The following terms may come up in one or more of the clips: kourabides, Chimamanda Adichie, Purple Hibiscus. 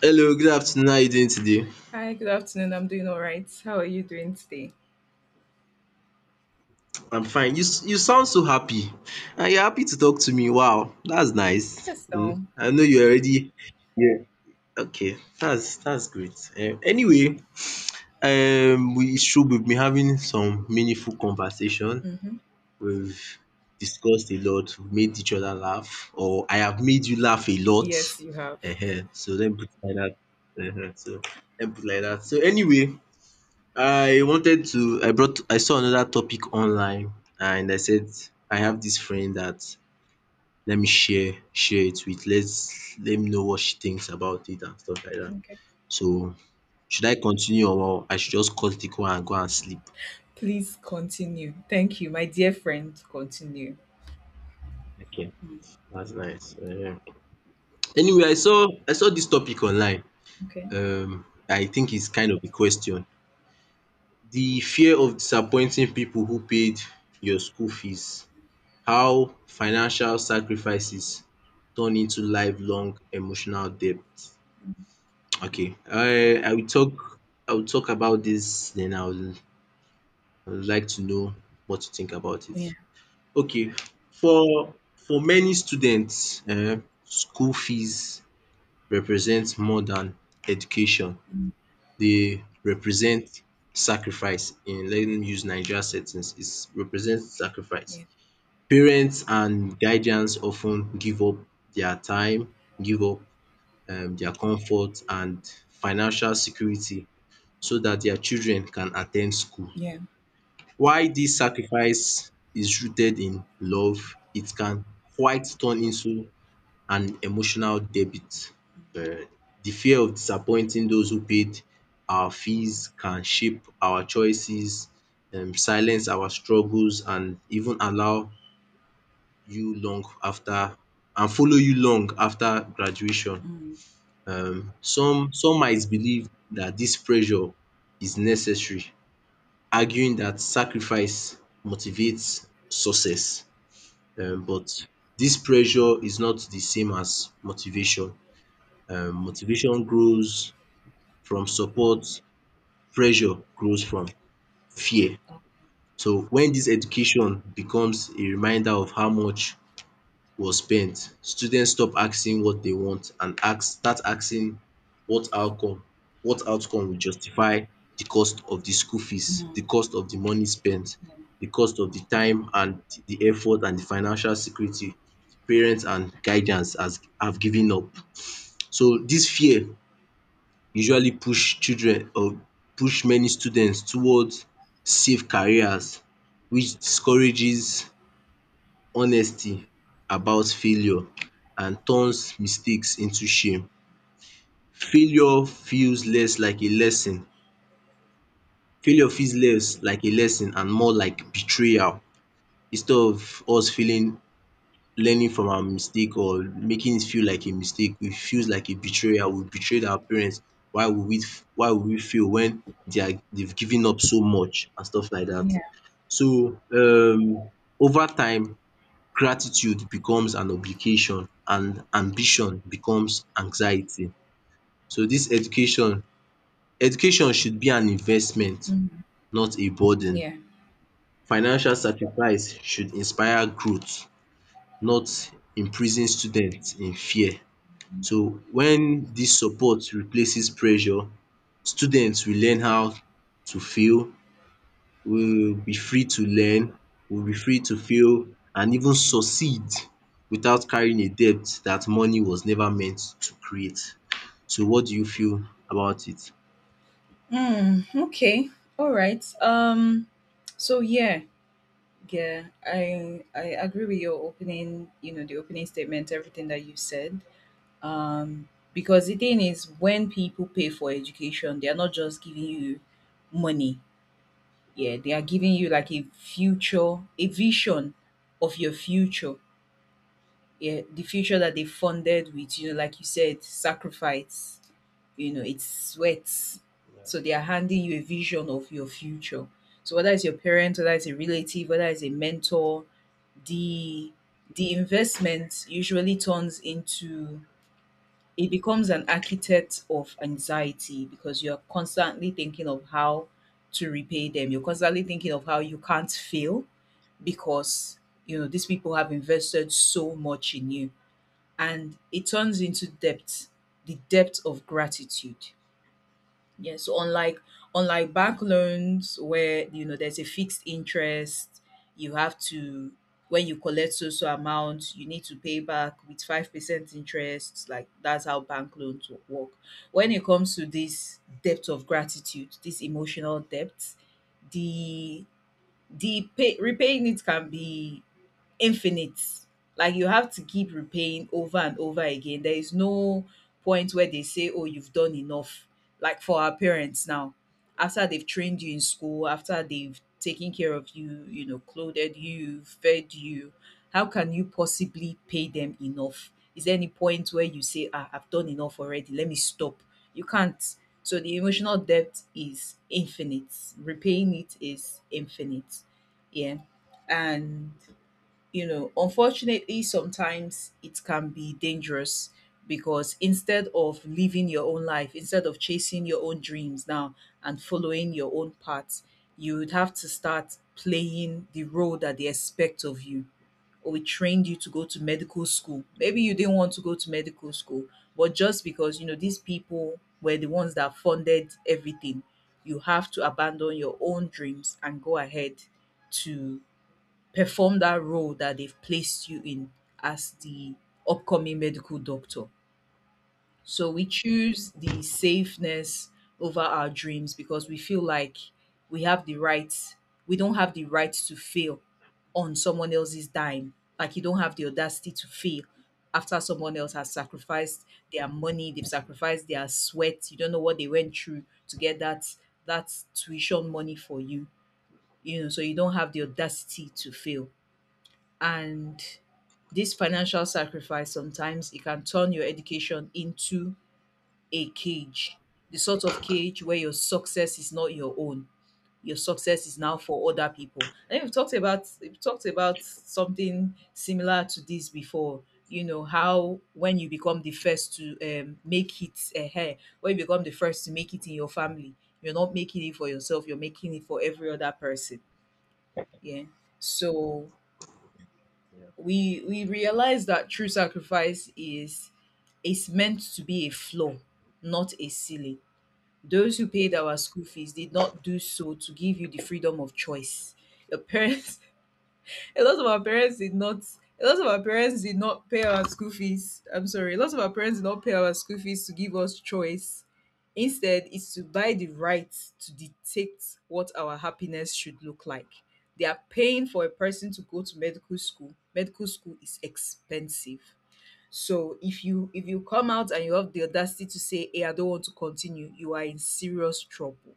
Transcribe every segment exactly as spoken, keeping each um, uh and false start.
Hello, good afternoon. How are you doing today? Hi, good afternoon. I'm doing all right. How are you doing today? I'm fine. You s- you sound so happy. And you're happy to talk to me. Wow, that's nice. Yes, Hmm, um, I know you already. Okay. That's that's great. Um, anyway, um we it's true we've been having some meaningful conversation. mhm. We've discussed a lot, we've made each other laugh, or I have made you laugh a lot. Yes, you have. Ehen, so let me put it like that. Ehen, so let me put it like that. So anyway, I wanted to, I brought, I saw another topic online and I said, I have this friend that, let me share, share it with, let's, let me know what she thinks about it and stuff like that. Okay. So should I continue or I should just cut the call and go and sleep? Please continue. Thank you, my dear friend. Continue. Okay, Mm. that's nice. Um, anyway, I saw, I saw this topic online. Okay. Um, I think it's kind of a question. The fear of disappointing people who paid your school fees. How financial sacrifices turn into lifelong emotional debt. Okay, I I will talk I will talk about this. Then I will I would like to know what you think about Yeah. it. Okay, for for many students, um school fees represent more than education. Mm. They represent sacrifice. In, let me use Naija settings, it represents sacrifice. Yeah. Parents and guardians often give up their time, give up um dia comfort and financial security so that their children can attend school. Yeah. While this sacrifice is rooted in love, it can quite turn into an emotional debit. um The fear of disappointing those who paid our fees can shape our choices, um silence our struggles and even allow you long after and follow you long after graduation. Mm, Um, some some might believe that this pressure is necessary, arguing that sacrifice motivates success. Um, but this pressure is not the same as motivation. Um, motivation grows from support, pressure grows from fear. So when this education becomes a reminder of how much was spent, students stop asking what they want and ask start asking what outcome what outcome will justify the cost of the school fees, mm. the cost of the money spent, the cost of the time and the effort and the financial security parents and guidance has have given up. So dis fear usually push children or push many students towards safe careers, which discourages honesty about failure and turns mistakes into shame. Failure feels less like a lesson. Failure feels less like a lesson and more like betrayal. Instead of us feeling learning from our mistake or making it feel like a mistake, it feels like a betrayal. We betrayed our parents. Why would we why would we fail when they are they've given up so much and stuff like Yeah. that? Yeah. So um over time gratitude becomes an obligation and ambition becomes anxiety. So this education, education should be an investment, Mm, not a burden. yeah. Financial sacrifice should inspire growth, not imprison students in fear. So when this support replaces pressure, students will learn how to fail, we will be free to learn, we will be free to fail and even succeed without carrying a debt that money was never meant to create. So what do you feel about it? Mm, okay. All right. Um. So yeah. Yeah, I I agree with your opening, you know, the opening statement, everything that you said. Um, because the thing is, when people pay for education, they are not just giving you money. Yeah, they are giving you like a future, a vision of your future. Yeah, the future that they funded with, you know, like you said, sacrifice, you know, it's sweat. So they are handing you a vision of your future. So whether it's your parent, whether it's a relative, whether it's a mentor, the the investment usually turns into it becomes an architect of anxiety because you're constantly thinking of how to repay them. You're constantly thinking of how you can't fail because you know these people have invested so much in you, and it turns into debt, the depth of gratitude. Yeah, so unlike unlike bank loans where you know there's a fixed interest, you have to when you collect so so amount, you need to pay back with five percent interest. Like that's how bank loans wo- work. When it comes to this debt of gratitude, this emotional debt, the the pay, repaying it can be infinite. Like you have to keep repaying over and over again. There is no point where they say, "Oh, you've done enough." Like for our parents now, after they've trained you in school, after they've taken care of you, you know, clothed you, fed you, how can you possibly pay them enough? Is there any point where you say, "Ah, I've done enough already. Let me stop." You can't. So the emotional debt is infinite. Repaying it is infinite. Yeah. And you know unfortunately sometimes it can be dangerous because instead of living your own life, instead of chasing your own dreams now and following your own path, you would have to start playing the role that they expect of you. Or we trained you to go to medical school, maybe you didn't want to go to medical school, but just because you know these people were the ones that funded everything, you have to abandon your own dreams and go ahead to perform that role that they've placed you in as the upcoming medical doctor. So we choose the safeness over our dreams because we feel like we have the right, we don't have the right to fail on someone else's dime. Like you don't have the audacity to fail after someone else has sacrificed their money, they've sacrificed their sweat. You don't know what they went through to get that that tuition money for you. You know, so you don't have the audacity to fail, and this financial sacrifice sometimes it can turn your education into a cage, the sort of cage where your success is not your own, your success is now for other people. And we've talked about we've talked about something similar to this before. You know how when you become the first to um, make it ahead, when you become the first to make it in your family, you're not making it for yourself, you're making it for every other person. Yeah. So we we realize that true sacrifice is is meant to be a flaw, not a ceiling. Those who paid our school fees did not do so to give you the freedom of choice. Your parents A lot of our parents did not. A lot of our parents did not pay our school fees. I'm sorry. A lot of our parents did not pay our school fees to give us choice. Instead, it's to buy the right to dictate what our happiness should look like. They are paying for a person to go to medical school. Medical school is expensive. So if you if you come out and you have the audacity to say, "Hey, I don't want to continue," you are in serious trouble.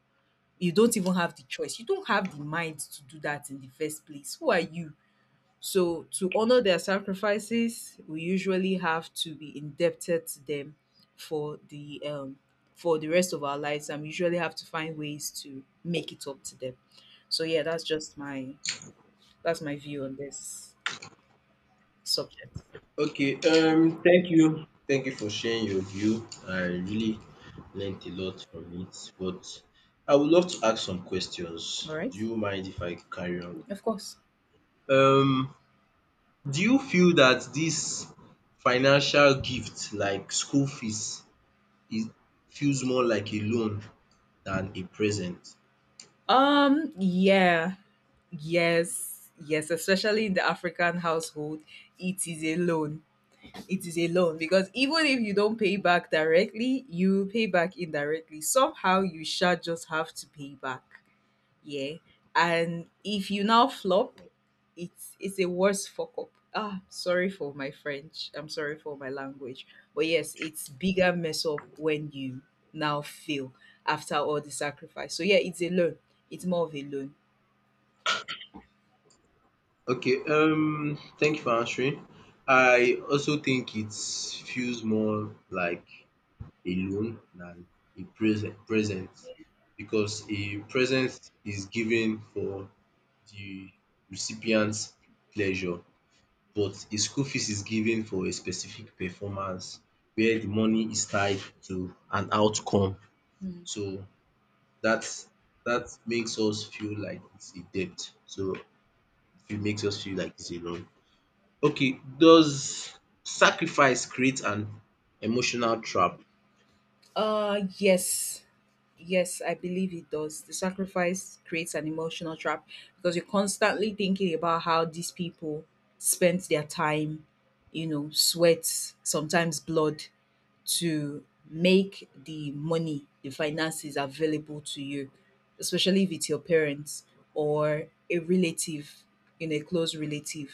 You don't even have the choice. You don't have the mind to do that in the first place. Who are you? So, to honor their sacrifices, we usually have to be indebted to them for the um, for the rest of our lives, and we usually have to find ways to make it up to them. So, yeah, that's just my that's my view on this subject. Okay, um, thank you. Thank you for sharing your view. I really learned a lot from it. But I would love to ask some questions. All Do right, you mind if I carry on? of course. Um, do you feel that this financial gift, like school fees, it feels more like a loan than a present? Um, yeah, yes, yes, especially in the African household, it is a loan. It is a loan because even if you don't pay back directly, you pay back indirectly. Somehow you shall just have to pay back. Yeah. And if you now flop, it's it's a worse fuck up. Ah, sorry for my French. I'm sorry for my language. But yes, it's bigger mess up when you now fail after all the sacrifice. So yeah, it's a loan. It's more of a loan. Okay, um, thank you for answering. I also think it feels more like a loan than a present present, because a present is given for the recipient's pleasure, but a school fees is given for a specific performance where the money is tied to an outcome. So That that makes us feel like it's a debt. So it makes us feel like it's a loan. Okay, does sacrifice create an emotional trap? Uh yes. Yes, I believe it does. The sacrifice creates an emotional trap because you're constantly thinking about how these people spent their time, you know, sweat, sometimes blood to make the money, the finances available to you, especially if it's your parents or a relative, you know, a close relative.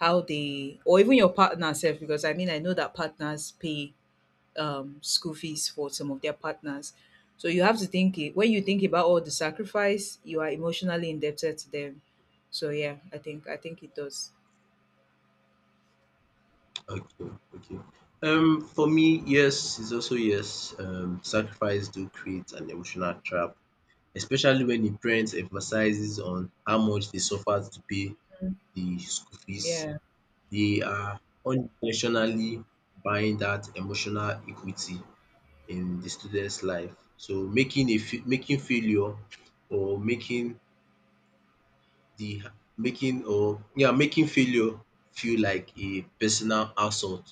How they, or even your partner self, because I mean I know that partners pay um, school fees for some of their partners. So you have to think it, when you think about all the sacrifice, you are emotionally indebted to them. So yeah, I think I think it does. Okay, okay. Um, for me, yes, it's also yes. Um, sacrifice do create an emotional trap, especially when the parent emphasizes on how much they suffered to pay the school fees. Yeah. They are unintentionally buying that emotional equity in the student's life. So making a f- making failure or making the making or yeah making failure feel like a personal assault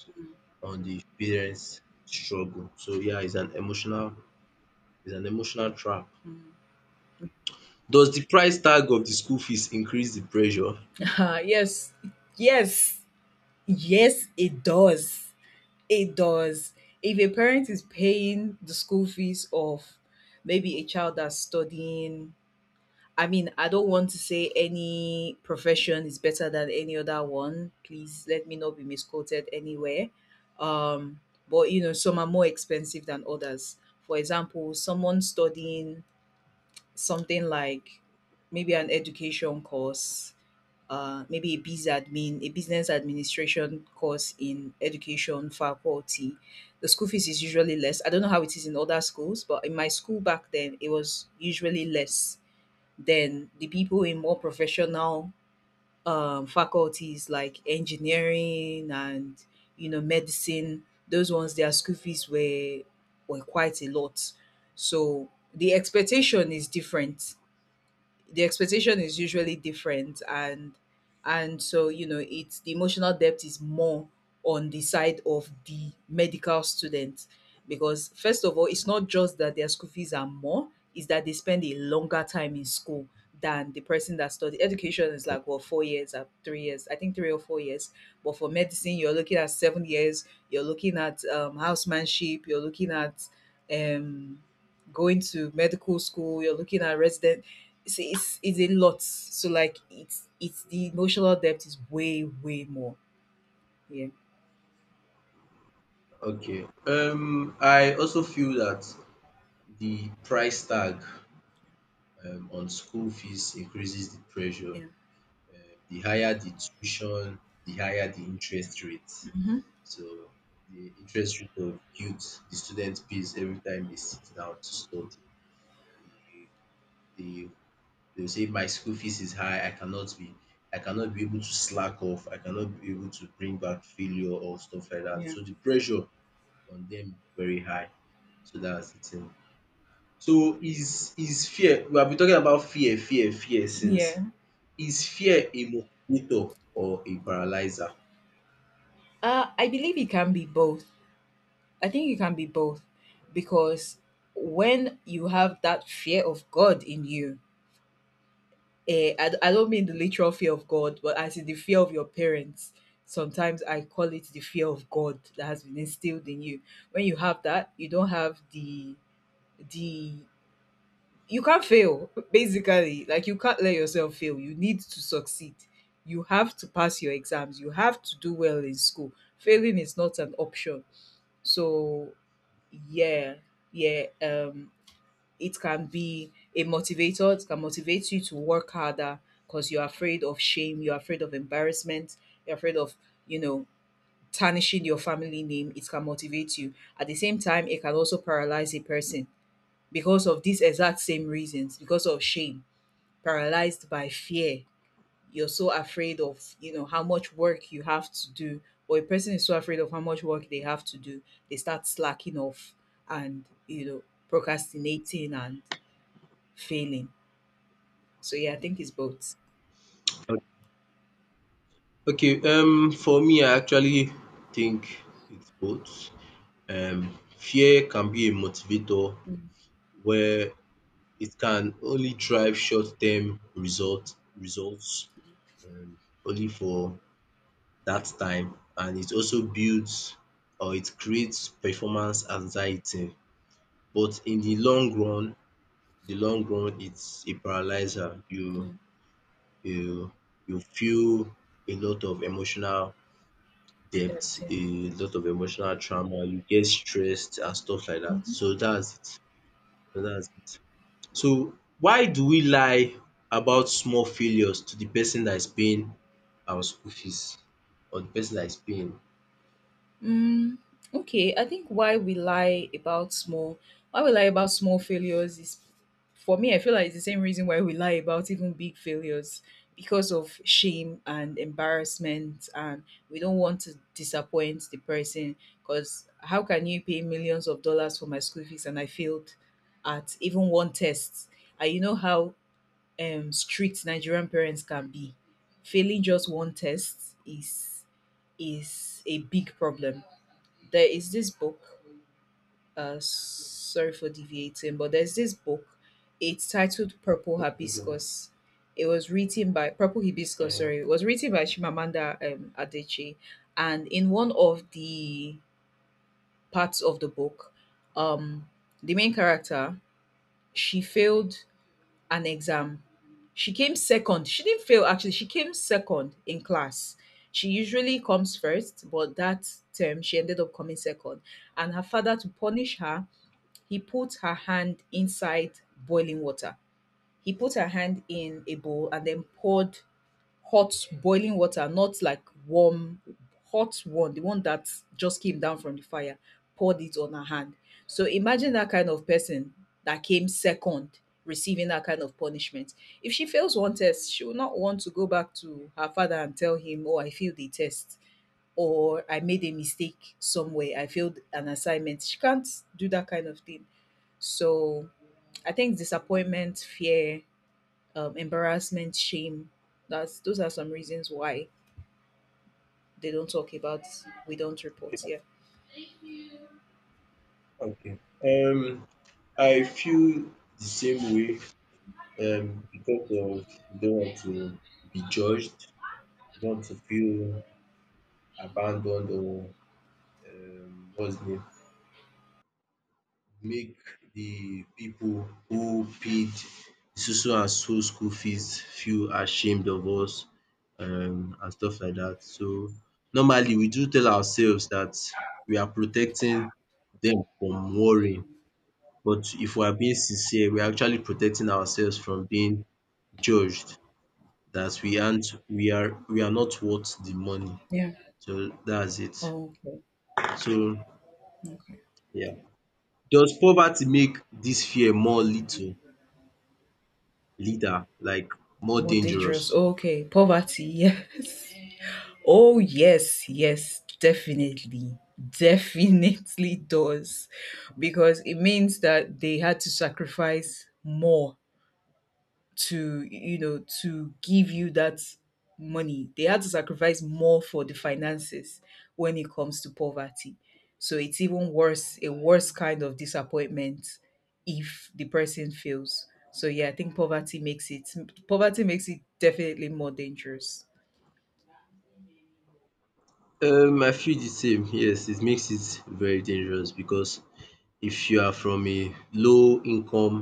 on the parents' struggle. So yeah, it's an emotional it's an emotional trap. Mm. Does the price tag of the school fees increase the pressure? Yes. Yes. Yes, it does. It does. If a parent is paying the school fees of maybe a child that's studying, I mean, I don't want to say any profession is better than any other one. Please let me not be misquoted anywhere. Um, but you know, some are more expensive than others. For example, someone studying something like maybe an education course, uh, maybe a biz admin, a business administration course in education faculty, the school fees is usually less. I don't know how it is in other schools, but in my school back then, it was usually less then the people in more professional um, faculties like engineering and you know medicine, those ones their school fees were were quite a lot. So the expectation is different the expectation is usually different, and and so you know it's the emotional depth is more on the side of the medical student, because first of all it's not just that their school fees are more, it's that they spend a longer time in school than the person that studied education. Is like, well, four years or three years, I think three or four years, but for medicine you're looking at seven years, you're looking at um, housemanship, you're looking at um, going to medical school, you're looking at resident, it's it's, it's a lot. So like it's it's the emotional depth is way way more. Yeah, Okay. Um, I also feel that the price tag, um, on school fees, increases the pressure. yeah, Um, The higher the tuition, the higher the interest rate. hmm, So the interest rate of youth, the student pays every time they sit down to study. They, they, they'll say my school fees is high, I cannot be I cannot be able to slack off, I cannot be able to bring back failure or stuff like that. yeah, So the pressure on them is very high. So that's the thing. So is is fear, we have been talking about fear, fear, fear since. yeah. Is fear a motivator or a paralyzer? Uh, I believe it can be both. I think it can be both because when you have that fear of God in you, eh, I, I don't mean the literal fear of God, but I see the fear of your parents. Sometimes I call it the fear of God that has been instilled in you. When you have that, you don't have the the You can't fail basically, like you can't let yourself fail, you need to succeed, you have to pass your exams, you have to do well in school, failing is not an option. So yeah, yeah, um it can be a motivator, it can motivate you to work harder because you're afraid of shame, you're afraid of embarrassment, you're afraid of, you know, tarnishing your family name, it can motivate you. At the same time, it can also paralyze a person because of these exact same reasons, because of shame, paralyzed by fear. You're so afraid of, you know, how much work you have to do, or a person is so afraid of how much work they have to do, they start slacking off and, you know, procrastinating and failing. So yeah, I think it's both. Okay, um, for me, I actually think it's both. Um, fear can be a motivator Mm. where it can only drive short-term result results, um, only for that time, and it also builds or it creates performance anxiety. But in the long run, the long run, it's a paralyzer. You mm. you you feel a lot of emotional debt, That's a lot of emotional trauma, you get stressed and stuff like it. that. So that's it. So that's it. So why do we lie about small failures to the person that is paying our school fees or the person that is paying? Mm, okay, I think why we lie about small why we lie about small failures is, for me, I feel like it's the same reason why we lie about even big failures, because of shame and embarrassment, and we don't want to disappoint the person. Because how can you pay millions of dollars for my school fees and I failed at even one test? And you know how um, strict Nigerian parents can be. Failing just one test is is a big problem. There is this book. Uh, sorry for deviating, but there's this book. It's titled Purple Hibiscus. It was written by Purple Hibiscus. Um, Sorry, it was written by Chimamanda um, Adichie, and in one of the parts of the book, um, the main character she failed an exam. She came second. She didn't fail actually. She came second in class. She usually comes first, but that term she ended up coming second. And her father, to punish her, he put her hand inside boiling water. He put her hand in a bowl and then poured hot boiling water, not like warm, hot one, the one that just came down from the fire, poured it on her hand. So imagine that kind of person that came second receiving that kind of punishment. If she fails one test, she will not want to go back to her father and tell him, Oh, I failed the test, or I made a mistake somewhere, I failed an assignment. She can't do that kind of thing. So I think disappointment, fear, um, embarrassment, shame. That's those are some reasons why they don't talk about. We don't report. Yeah. okay. Um, I feel the same way, um, because of, you don't want to be judged, you don't want to feel abandoned or, um, what's the name, make the people who paid so and so school fees feel ashamed of us um and stuff like that. So normally we do tell ourselves that we are protecting them from worrying, but if we are being sincere, we are actually protecting ourselves from being judged that we aren't we are we are not worth the money. Yeah. So that's it. Oh, okay. So yeah. Does poverty make this fear more little? Leader, like more More dangerous. dangerous? Okay. Poverty. Yes. Oh yes. Yes. Definitely. Definitely does, because it means that they had to sacrifice more to, you know, to give you that money. They had to sacrifice more for the finances when it comes to poverty, so it's even worse, a worse kind of disappointment if the person fails. So yeah, I think poverty makes it, poverty makes it definitely more dangerous. Um I feel the same. Yes, it makes it very dangerous because if you are from a low income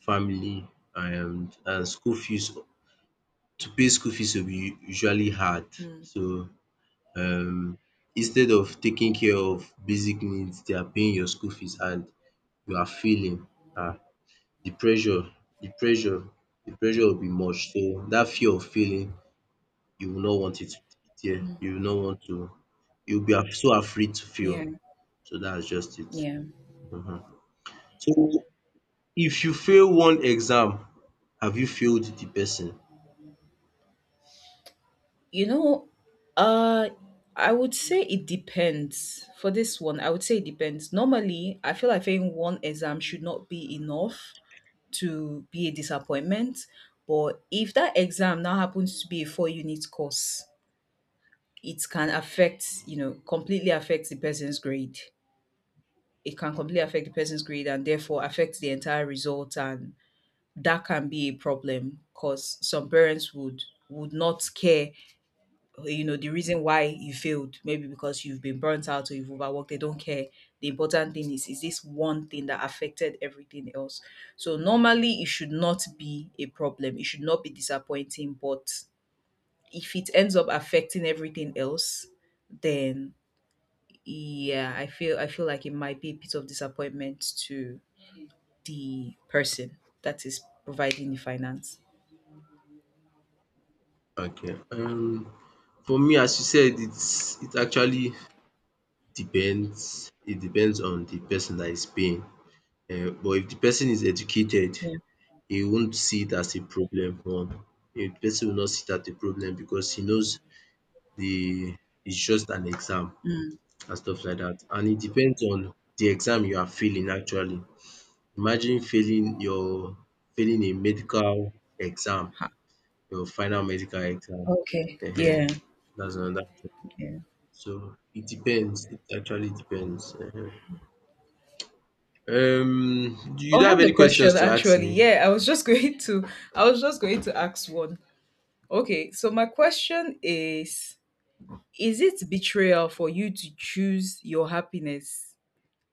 family, and and school fees to pay school fees will be usually hard. Mm, So um instead of taking care of basic needs, they are paying your school fees and you are failing. ah the pressure, the pressure the pressure will be much, so that fear of failing, you will not want it to be there. You will not want to, you'll be af- so afraid to fail. yeah. So that's just it. Yeah. Mhm. So if you fail one exam, have you failed the person? You know, uh I would say it depends. For this one, I would say it depends. Normally I feel like failing one exam should not be enough to be a disappointment. But if that exam now happens to be a four unit course, it can affect, you know, completely affect the person's grade. It can completely affect the person's grade and therefore affect the entire result. And that can be a problem because some parents would would not care, you know, the reason why you failed. Maybe because you've been burnt out or you've overworked, they don't care. The important thing is is this one thing that affected everything else. So normally it should not be a problem, it should not be disappointing, but if it ends up affecting everything else, then yeah, i feel i feel like it might be a bit of disappointment to the person that is providing the finance. Okay. Um, for me, as you said, it's it actually depends. It depends on the person that is paying. Uh, but if the person is educated, Yeah. he won't see it as a problem. One, if the person will not see that a problem because he knows, the it's just an exam, Mm. and stuff like that. And it depends on the exam you are failing actually. Imagine failing your failing a medical exam, Ha- your final medical exam. okay, Ehen, yeah. that's another thing. Yeah. So it depends. It actually depends. Ehen. Um, do you Oh, I don't have have a any questions question to ask actually. me? Yeah, I was just going to I was just going to ask one. Okay, so my question is is it betrayal for you to choose your happiness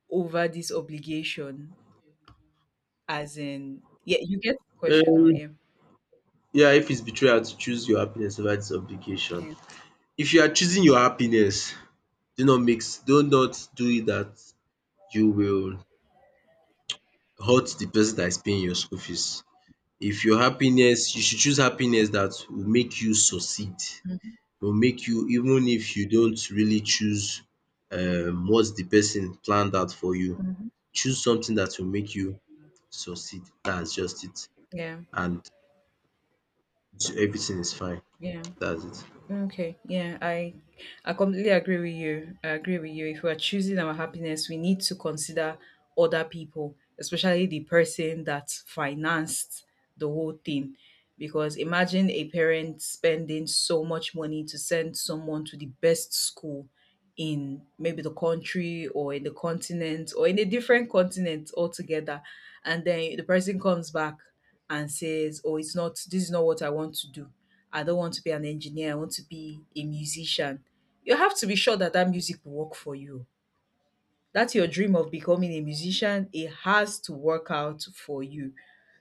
over this obligation? As in, yeah, you get the question now, Um, yeah. yeah, if it's betrayal to choose your happiness over this obligation. Yeah. If you are choosing your happiness, do not mix do not do it that you will hurt the person that is paying your school fees. If your happiness, you should choose happiness that will make you succeed, will make you, even if you don't really choose um what de person planned out for you, Mhm. choose something that will make you succeed, that's just it, Yeah. and everything is fine, Yeah. that's it. Okay, yeah, I I completely agree with you. I agree with you. If we're choosing our happiness, we need to consider other people, especially the person that financed the whole thing. Because imagine a parent spending so much money to send someone to the best school in maybe the country or in the continent or in a different continent altogether. And then the person comes back and says, Oh, it's not, this is not what I want to do. I don't want to be an engineer, I want to be a musician. You have to be sure that that music will work for you. That's your dream of becoming a musician, it has to work out for you.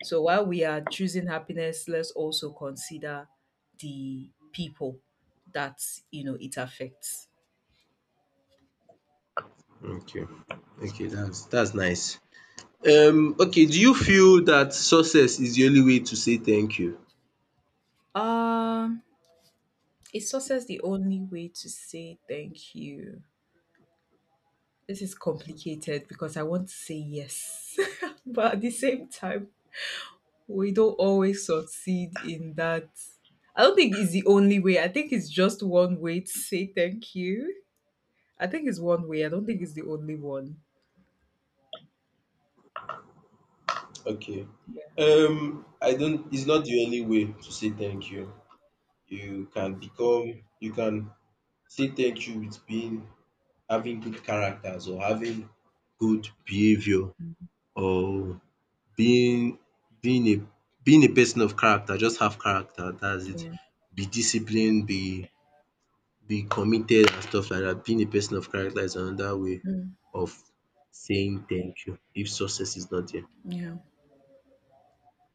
So while we are choosing happiness, let's also consider the people that, you know, it affects. Okay, okay, that's that's nice. Um okay, do you feel that success is the only way to say thank you? Um, is success the only way to say thank you? This is complicated because I want to say yes, but at the same time, we don't always succeed in that. I don't think it's the only way. I think it's just one way to say thank you. I think it's one way. I don't think it's the only one. Okay, Yeah. um I don't, it's not the only way to say thank you. You can become You can say thank you with being, having good characters, or having good behavior, or being being a being a person of character. Just have character, that's it. Yeah. Be disciplined, be be committed and stuff like that. Being a person of character is another way Mm, of saying thank you if success is not there. yeah.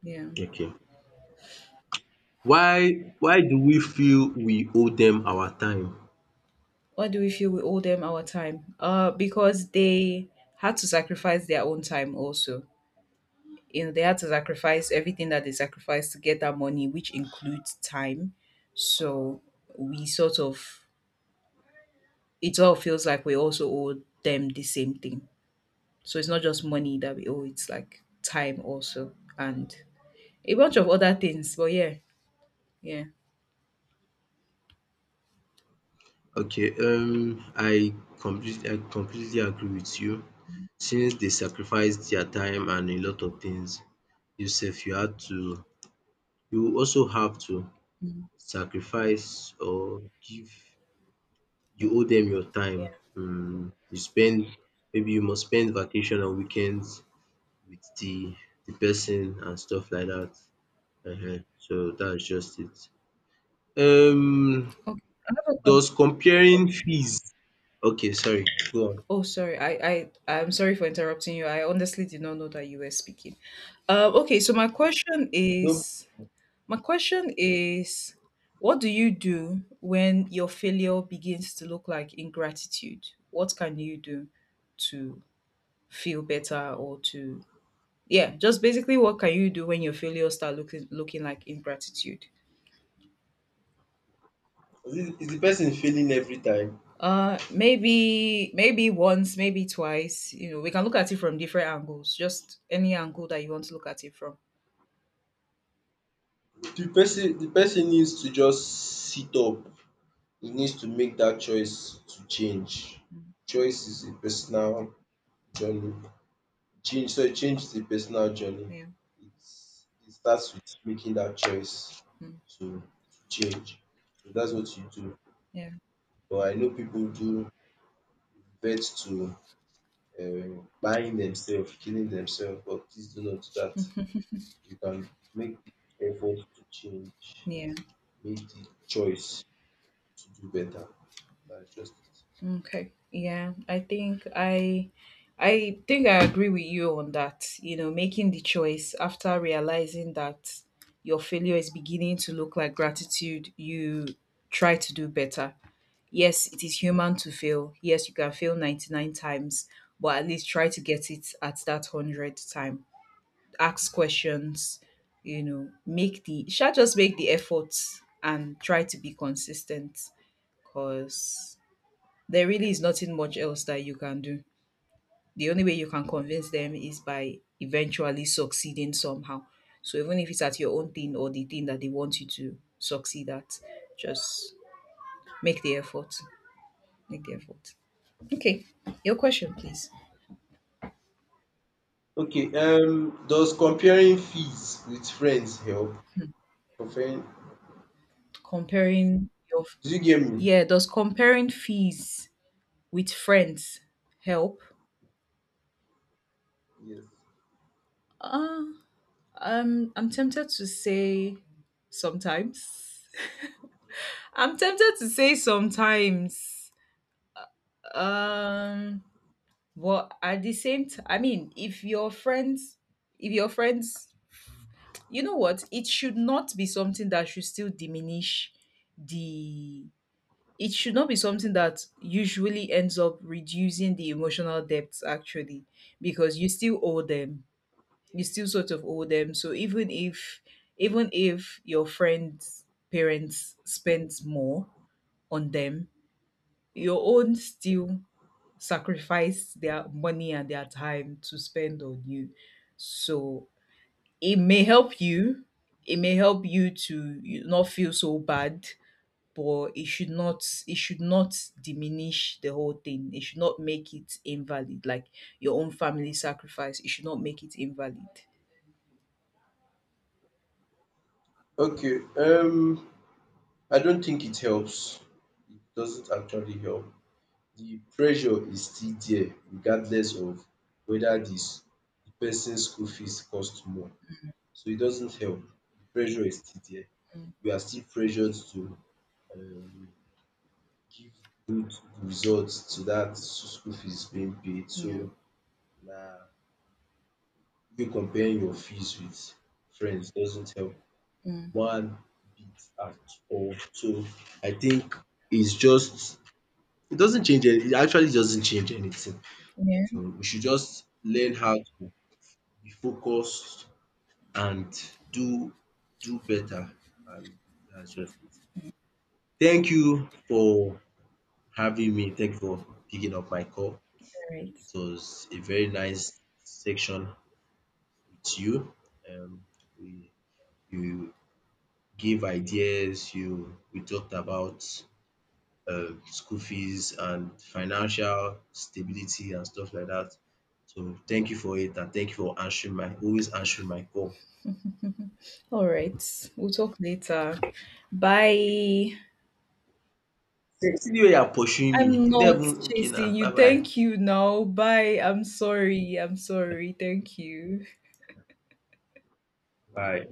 Yeah. Okay. Why why do we feel we owe them our time? Why do we feel we owe them our time? Uh, because they had to sacrifice their own time also. You know, they had to sacrifice everything that they sacrificed to get that money, which includes time. So we sort of, it all feels like we also owe them the same thing. So it's not just money that we owe, it's like time also and a bunch of other things. But yeah, yeah, Okay, um I completely I completely agree with you, since they sacrificed their time and a lot of things. You sef, you had to you also have to sacrifice, or give you yeah, owe them your time. yeah. um You spend, maybe you must spend vacation and weekends with the the person and stuff like that. Uh huh. So that's just it. Um Okay. I have a does question. comparing Oh, fees, okay, sorry, go on. oh, sorry. I, I, I'm sorry for interrupting you. I honestly did not know that you were speaking. Uh, okay, so my question No. is, my question is, what do you do when your failure begins to look like ingratitude? What can you do to feel better or to yeah, just basically what can you do when your failures start looking looking like ingratitude? Is it- is the person failing every time? Uh maybe maybe once, maybe twice. You know, we can look at it from different angles. Just any angle that you want to look at it from. The person the person needs to just sit up. He needs to make that choice to change. Choice is a personal journey. Change sorry, change is a personal journey. Yeah. It's It starts with making that choice Mm. to to change. So dats what you do. Yeah. But I know people do revert to um buying themselves, killing themselves, but please do not do that. You can make the effort to change, Yeah. make the choice to do better. That's just it. Okay. Yeah. I think I I think I agree with you on that. You know, making the choice after realizing that your failure is beginning to look like gratitude, you try to do better. Yes, it is human to fail. Yes, you can fail ninety-nine times, but at least try to get it at that hundredth time. Ask questions, you know, make the, shall just make the effort and try to be consistent, because there really is nothing much else that you can do. The only way you can convince them is by eventually succeeding somehow. So even if it's at your own thing or the thing that they want you to succeed at, just make the effort. Make the effort. Okay, your question, please. Okay, um, does comparing fees with friends help? Comparing? Comparing your, Do you get me? yeah, does comparing fees with friends help? Yes. Uh, um, I'm tempted to say sometimes. I'm tempted to say sometimes. Um, but at the same time, I mean, if your friends, if your friends, you know what, it should not be something that should still diminish the it should not be something that usually ends up reducing the emotional depth actually, because you still owe them, you still sort of owe them. So even if even if your friend's parents spends more on them, your own still sacrifice their money and their time to spend on you. So it may help you it may help you to you not feel so bad, but it should not it should not diminish the whole thing. It should not make it invalid. Like your own family sacrifice, it should not make it invalid. Okay, um, I don't think it helps. It doesn't actually help. The pressure is still there, regardless of whether this the person's school fees cost more. So it doesn't help. The pressure is still there. Mm, We are still pressured to um give good results to that school fees being paid. yeah. So na you comparing your fees with friends doesn't help Mm. one bit at all. So I think it's just, it doesn't change any it actually doesn't change anything. Yeah. So we should just learn how to be focused and do do better, and that's just it. Thank you for having me. Thank you for picking up my call. All right. It was a very nice section with you. Um, we You gave ideas, you we talked about um school fees and financial stability and stuff like that. So thank you for it, and thank you for answering my always answering my call. All right. We'll talk later. Bye. See the way you are pursuing me. I'm You never not even okay now. chasing Bye you. bye. Thank you now. Bye. I'm sorry. I'm sorry. Thank you. Bye.